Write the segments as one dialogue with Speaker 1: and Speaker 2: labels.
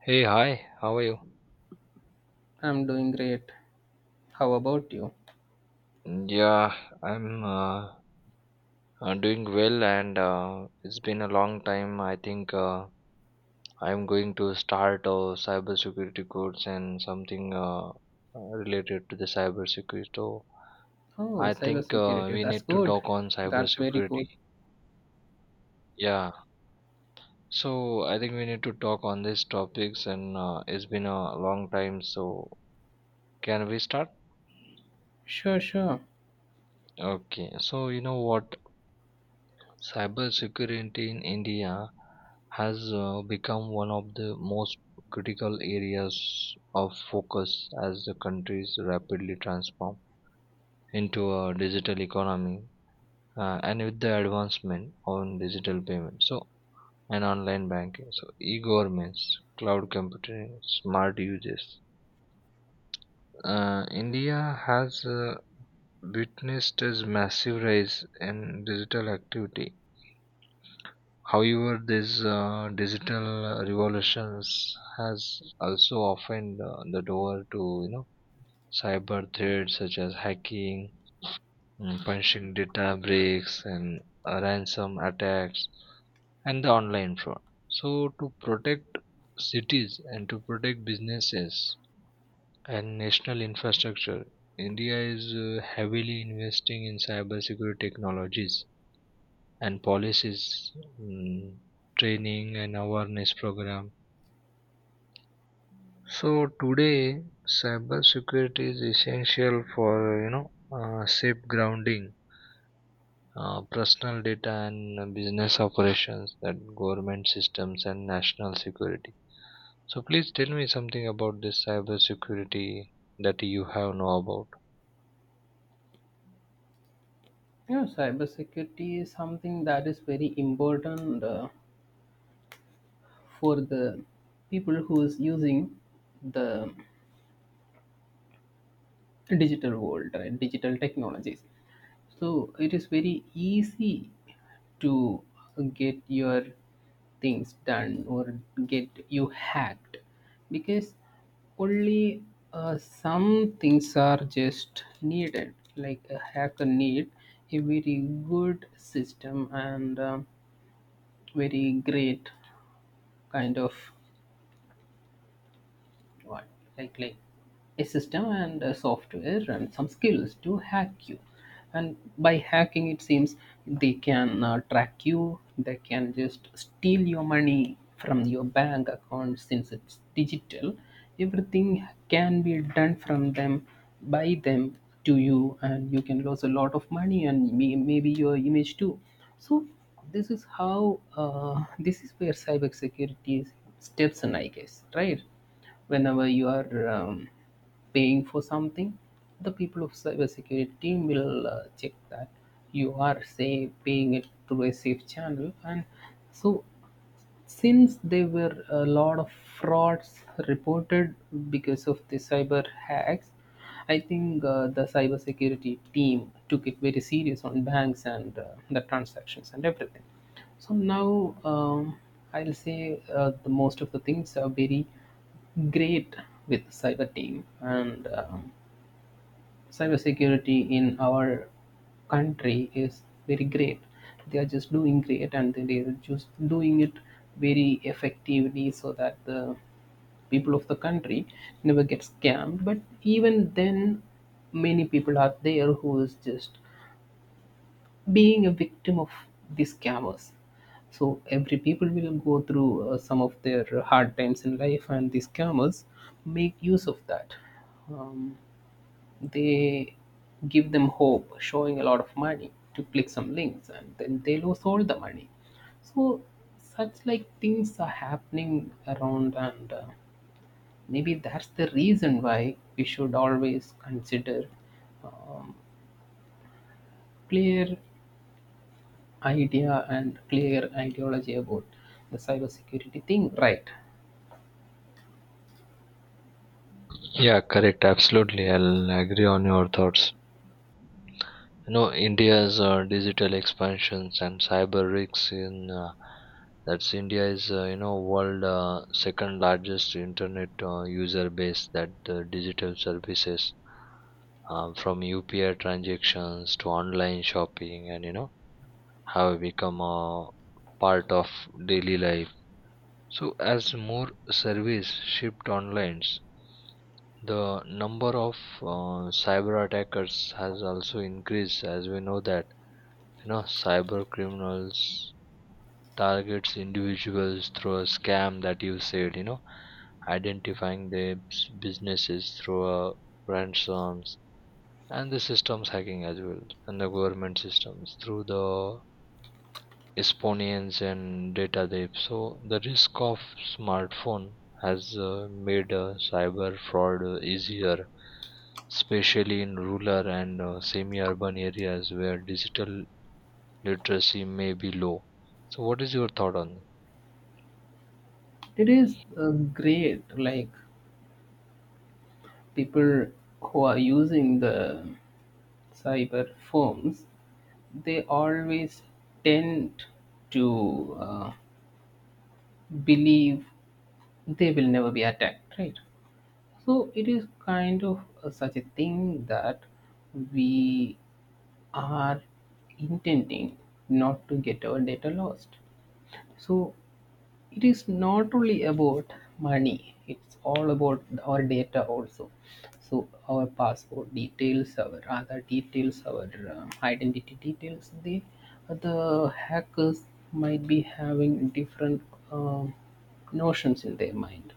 Speaker 1: Hey, hi, how are you?
Speaker 2: I'm doing great. How about you?
Speaker 1: Yeah, I'm doing well, and it's been a long time. I think I'm going to start a cybersecurity course and something related to the cybersecurity. So
Speaker 2: Oh,
Speaker 1: I think
Speaker 2: cybersecurity.
Speaker 1: we
Speaker 2: That's
Speaker 1: need to
Speaker 2: good.
Speaker 1: talk on
Speaker 2: That's very good.
Speaker 1: cybersecurity. Yeah, so I think we need to talk on these topics, and it's been a long time. So can we start?
Speaker 2: Sure, sure.
Speaker 1: Okay, so you know what? Cybersecurity in India has become one of the most critical areas of focus as the country is rapidly transforms into a digital economy, and with the advancement on digital payments, so, and online banking, so e-governments, cloud computing, smart uses. India has witnessed a massive rise in digital activity. However, this digital revolutions has also opened the door to you know cyber threats such as hacking, punching, data breaks, and ransom attacks, and the online fraud. So, to protect cities and to protect businesses and national infrastructure, India is heavily investing in cybersecurity technologies and policies, mm, training and awareness program. So today, cybersecurity is essential for you know safe grounding, personal data and business operations, that government systems and national security. So please tell me something about this cybersecurity that you have know about.
Speaker 2: Yeah, cybersecurity is something that is very important for the people who is using the digital world, right? Digital technologies. So it is very easy to get your things done or get you hacked because only some things are just needed, like a hacker need a very good system and very great kind of what, like a system and a software and some skills to hack you, and by hacking it seems they can track you, they can just steal your money from your bank account since it's digital. Everything can be done from them, by them, to you, and you can lose a lot of money and maybe your image too. So this is how, this is where cybersecurity steps in, I guess, right? Whenever you are paying for something, the people of cybersecurity team will check that you are, say, paying it through a safe channel, and so since there were a lot of frauds reported because of the cyber hacks, I think the cybersecurity team took it very serious on banks and the transactions and everything. So now, I'll say the most of the things are very great with cyber team, and cybersecurity in our country is very great. They are just doing great, and they are just doing it very effectively so that the people of the country never get scammed. But even then, many people are there who is just being a victim of these scammers. So every people will go through some of their hard times in life, and these scammers make use of that. Um, they give them hope, showing a lot of money to click some links, and then they lose all the money. So such like things are happening around, and maybe that's the reason why we should always consider, um, clear idea and clear ideology about the cybersecurity thing, right?
Speaker 1: Yeah, correct. Absolutely, I'll agree on your thoughts. You know, india's digital expansions and cyber risks in that's india is you know, world second largest internet user base, that digital services, from upi transactions to online shopping, and you know, have become a part of daily life. So as more service shipped online, the number of cyber attackers has also increased. As we know that, you know, cyber criminals targets individuals through a scam, that you said, you know, identifying their businesses through ransoms and the systems hacking as well, and the government systems through the espionage and data theft. So the risk of smartphone has made cyber fraud easier, especially in rural and semi urban areas where digital literacy may be low. So, what is your thought on that?
Speaker 2: It is great, like people who are using the cyber phones, they always tend to believe they will never be attacked, right? So it is kind of such a thing that we are intending not to get our data lost. So it is not only about money, it's all about our data also. So our passport details, our other details, our identity details, the hackers might be having different um notions in their mind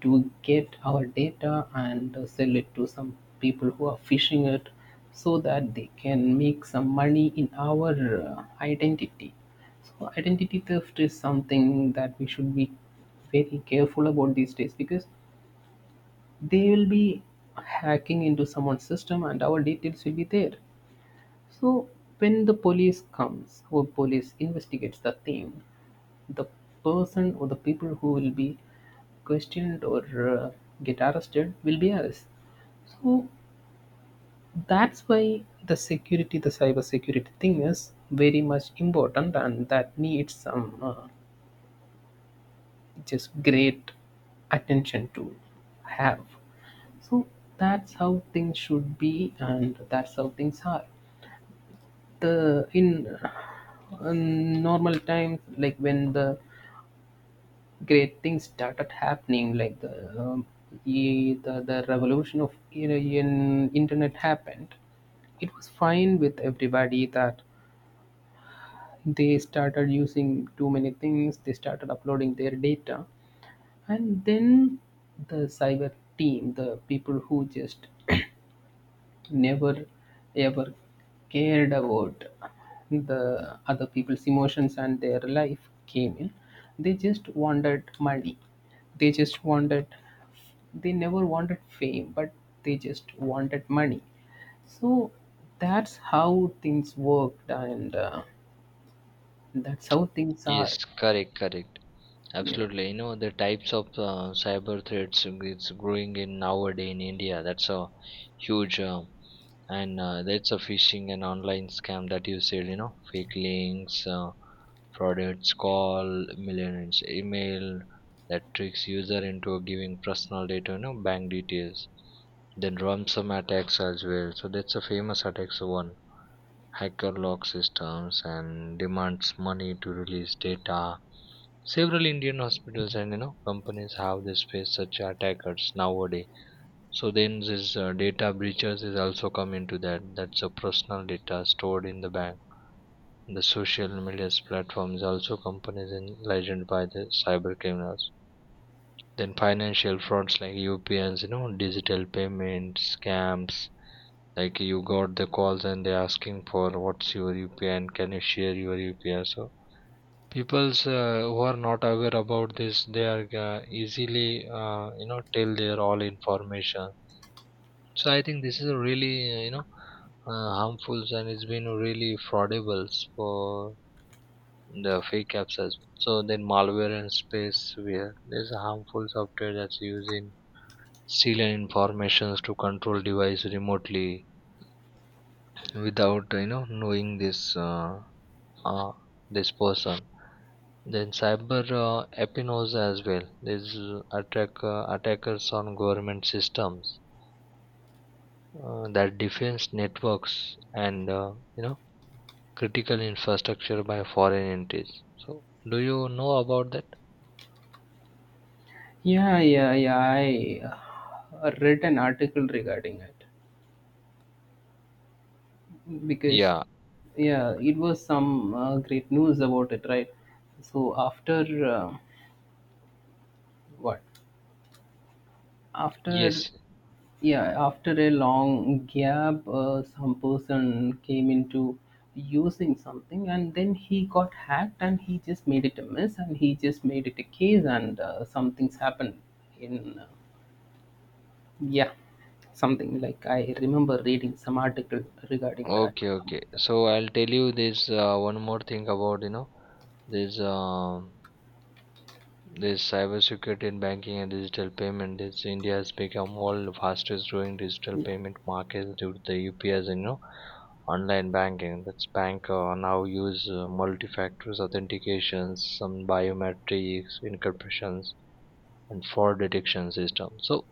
Speaker 2: to get our data and sell it to some people who are fishing it, so that they can make some money in our identity. So identity theft is something that we should be very careful about these days, because they will be hacking into someone's system and our details will be there. So when the police comes or police investigates the thing, the person or the people who will be questioned or uh, get arrested will be us. So that's why the security, the cyber security thing is very much important, and that needs some just great attention to have. So that's how things should be and that's how things are. The in normal times, like when the great things started happening, like the um, the revolution of, in internet happened, it was fine with everybody that they started using too many things, they started uploading their data, and then the cyber team, the people who just never ever cared about the other people's emotions and their life came in. They just wanted money, they just wanted, they never wanted fame, but they just wanted money. So that's how things worked, and that's how things are.
Speaker 1: Yes, correct, correct.
Speaker 2: Yeah,
Speaker 1: Absolutely. You know, the types of cyber threats it's growing in nowadays in India. That's a huge and that's a phishing and online scam, that you said, you know, fake links, fraudulent call, millionaires email, that tricks user into giving personal data, you know, bank details. Then ransom attacks as well. So that's a famous attacks, one hacker lock systems and demands money to release data. Several Indian hospitals and you know companies have this face such attackers nowadays. So then this data breaches is also come into that. That's a personal data stored in the bank. The social media platforms also companies in legend by the cyber criminals. Then financial frauds like UPNs, you know, digital payments, scams, like you got the calls and they're asking for what's your UPI and can you share your UPI. So people's, who are not aware about this, they are easily, you know, tell their all information. So I think this is a really you know, harmful and it's been really fraudable for the fake apps as well. So then malware and space, where there's a harmful software that's using stealing informations to control device remotely without you know knowing this uh, this person. Then cyber espionage as well. These attackers on government systems, that defense networks and, you know, critical infrastructure by foreign entities. So, do you know about that?
Speaker 2: yeah, yeah, yeah, I read an article regarding it, because
Speaker 1: Yeah.
Speaker 2: yeah, it was some great news about it, right? So after, uh, what, after,
Speaker 1: Yes.
Speaker 2: yeah, after a long gap, some person came into using something and then he got hacked and he just made it a mess and he just made it a case, and some things happened in, yeah, something like, I remember reading some article regarding that.
Speaker 1: Okay. Okay. So I'll tell you this one more thing about, you know, this. Um, this cybersecurity in banking and digital payment. This India has become world fastest growing digital
Speaker 2: Yeah,
Speaker 1: payment market due to the UPIs and you know online banking. That's bank now use multi-factor authentications, some biometrics, encryptions, and fraud detection system. So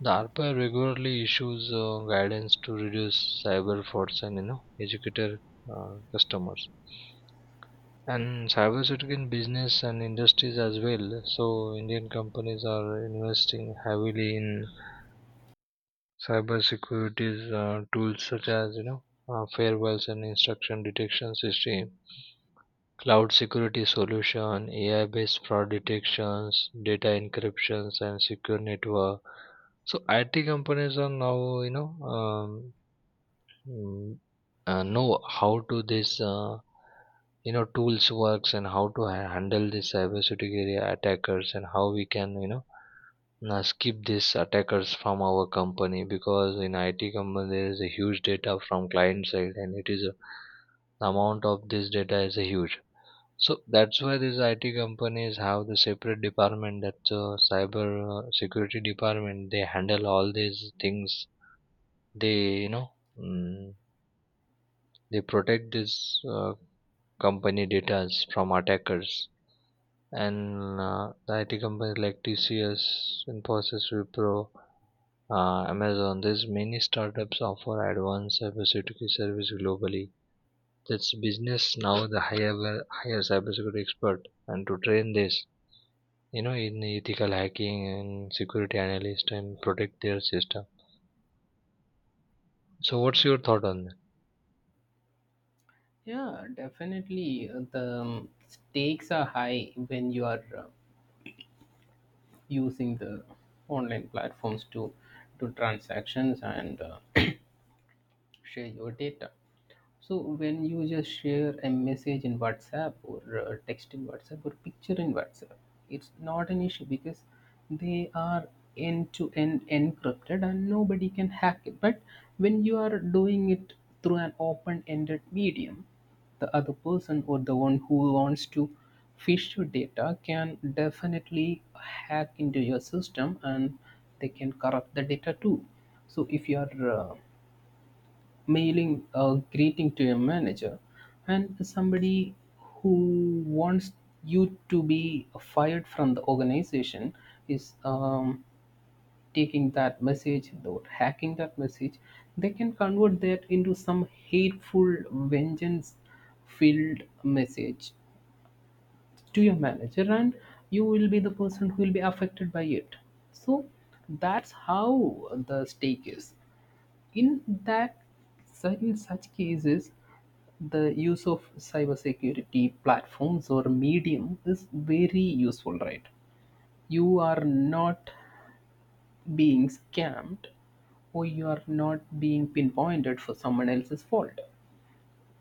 Speaker 1: the RBI regularly issues guidance to reduce cyber frauds and you know educator customers. And cybersecurity in business and industries as well. So Indian companies are investing heavily in cybersecurity tools such as, you know, firewalls and instruction detection system, cloud security solution, AI-based fraud detections, data encryptions, and secure network. So IT companies are now, you know, Mm, know how to this you know tools works and how to handle this cybersecurity attackers and how we can, you know, skip these attackers from our company, because in IT company there is a huge data from client side, and it is a, the amount of this data is a huge. So that's why these IT companies have the separate department, that cyber security department. They handle all these things. They you know. mm they protect this company data from attackers. And the IT companies like TCS, Infosys, Wipro, Amazon. There's many startups offer advanced cybersecurity service globally. That's business now the higher, higher cybersecurity expert, and to train this, you know, in ethical hacking and security analyst and protect their system. So, what's your thought on that?
Speaker 2: yeah, definitely the stakes are high when you are using the online platforms to do transactions and share your data. So when you just share a message in WhatsApp or text in WhatsApp or picture in WhatsApp, it's not an issue because they are end to end encrypted and nobody can hack it. But when you are doing it through an open ended medium, the other person or the one who wants to fish your data can definitely hack into your system, and they can corrupt the data too. So if you are mailing a greeting to your manager and somebody who wants you to be fired from the organization is taking that message or hacking that message, they can convert that into some hateful vengeance filled message to your manager, and you will be the person who will be affected by it. So that's how the stake is in that. In such cases, the use of cybersecurity platforms or medium is very useful, right? You are not being scammed or you are not being pinpointed for someone else's fault.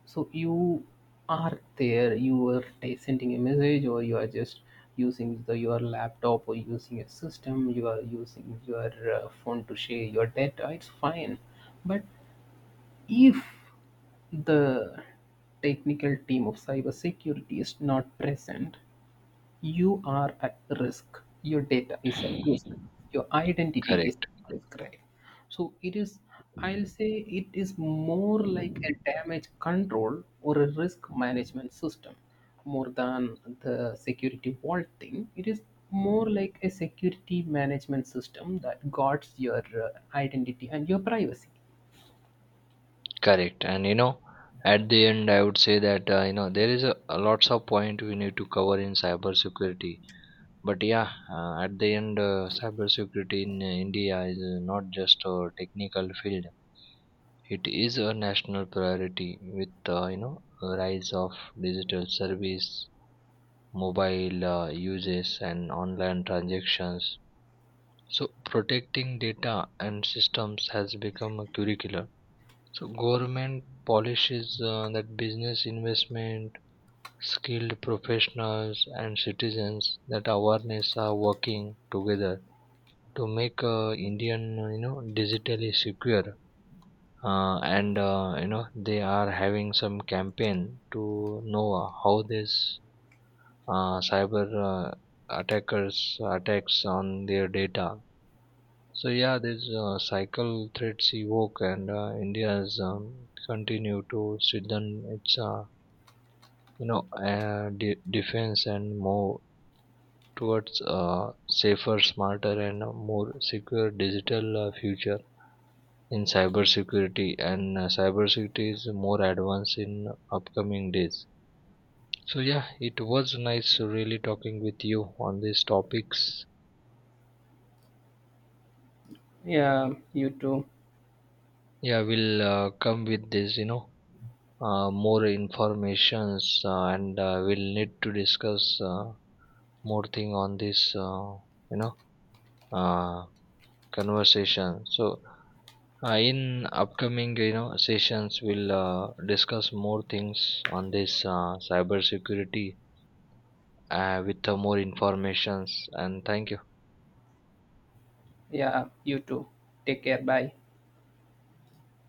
Speaker 2: So you are there, you are sending a message or you are just using the, your laptop or using a system, you are using your phone to share your data, it's fine. But if the technical team of cybersecurity is not present, you are at risk. Your data is at risk. Your identity is
Speaker 1: Correct.
Speaker 2: at risk, right? So it is, I'll say it is more like a damage control or a risk management system more than the security vault thing. It is more like a security management system that guards your identity and your privacy.
Speaker 1: Correct. And you know, at the end, I would say that, you know, there is a lots of point we need to cover in cybersecurity. But yeah, at the end, cybersecurity in India is not just a technical field. It is a national priority with, you know, rise of digital service, mobile uses, and online transactions. So protecting data and systems has become a curriculum. So government polishes, that business investment, skilled professionals and citizens that awareness are working together to make Indian you know digitally secure. And you know, they are having some campaign to know how this cyber attackers attacks on their data. So yeah, this cycle threats evoke, and India's, continue to strengthen its you know, defense and move towards a safer, smarter, and a more secure digital future in cybersecurity. And cybersecurity is more advanced in upcoming days. So yeah, it was nice really talking with you on these topics.
Speaker 2: Yeah, you too.
Speaker 1: Yeah, we'll come with this, you know, more informations, and we'll need to discuss more thing on this, you know, uh, conversation. So in upcoming, you know, sessions, we'll discuss more things on this cyber security with more informations, and thank you.
Speaker 2: Yeah, you too. Take care. Bye.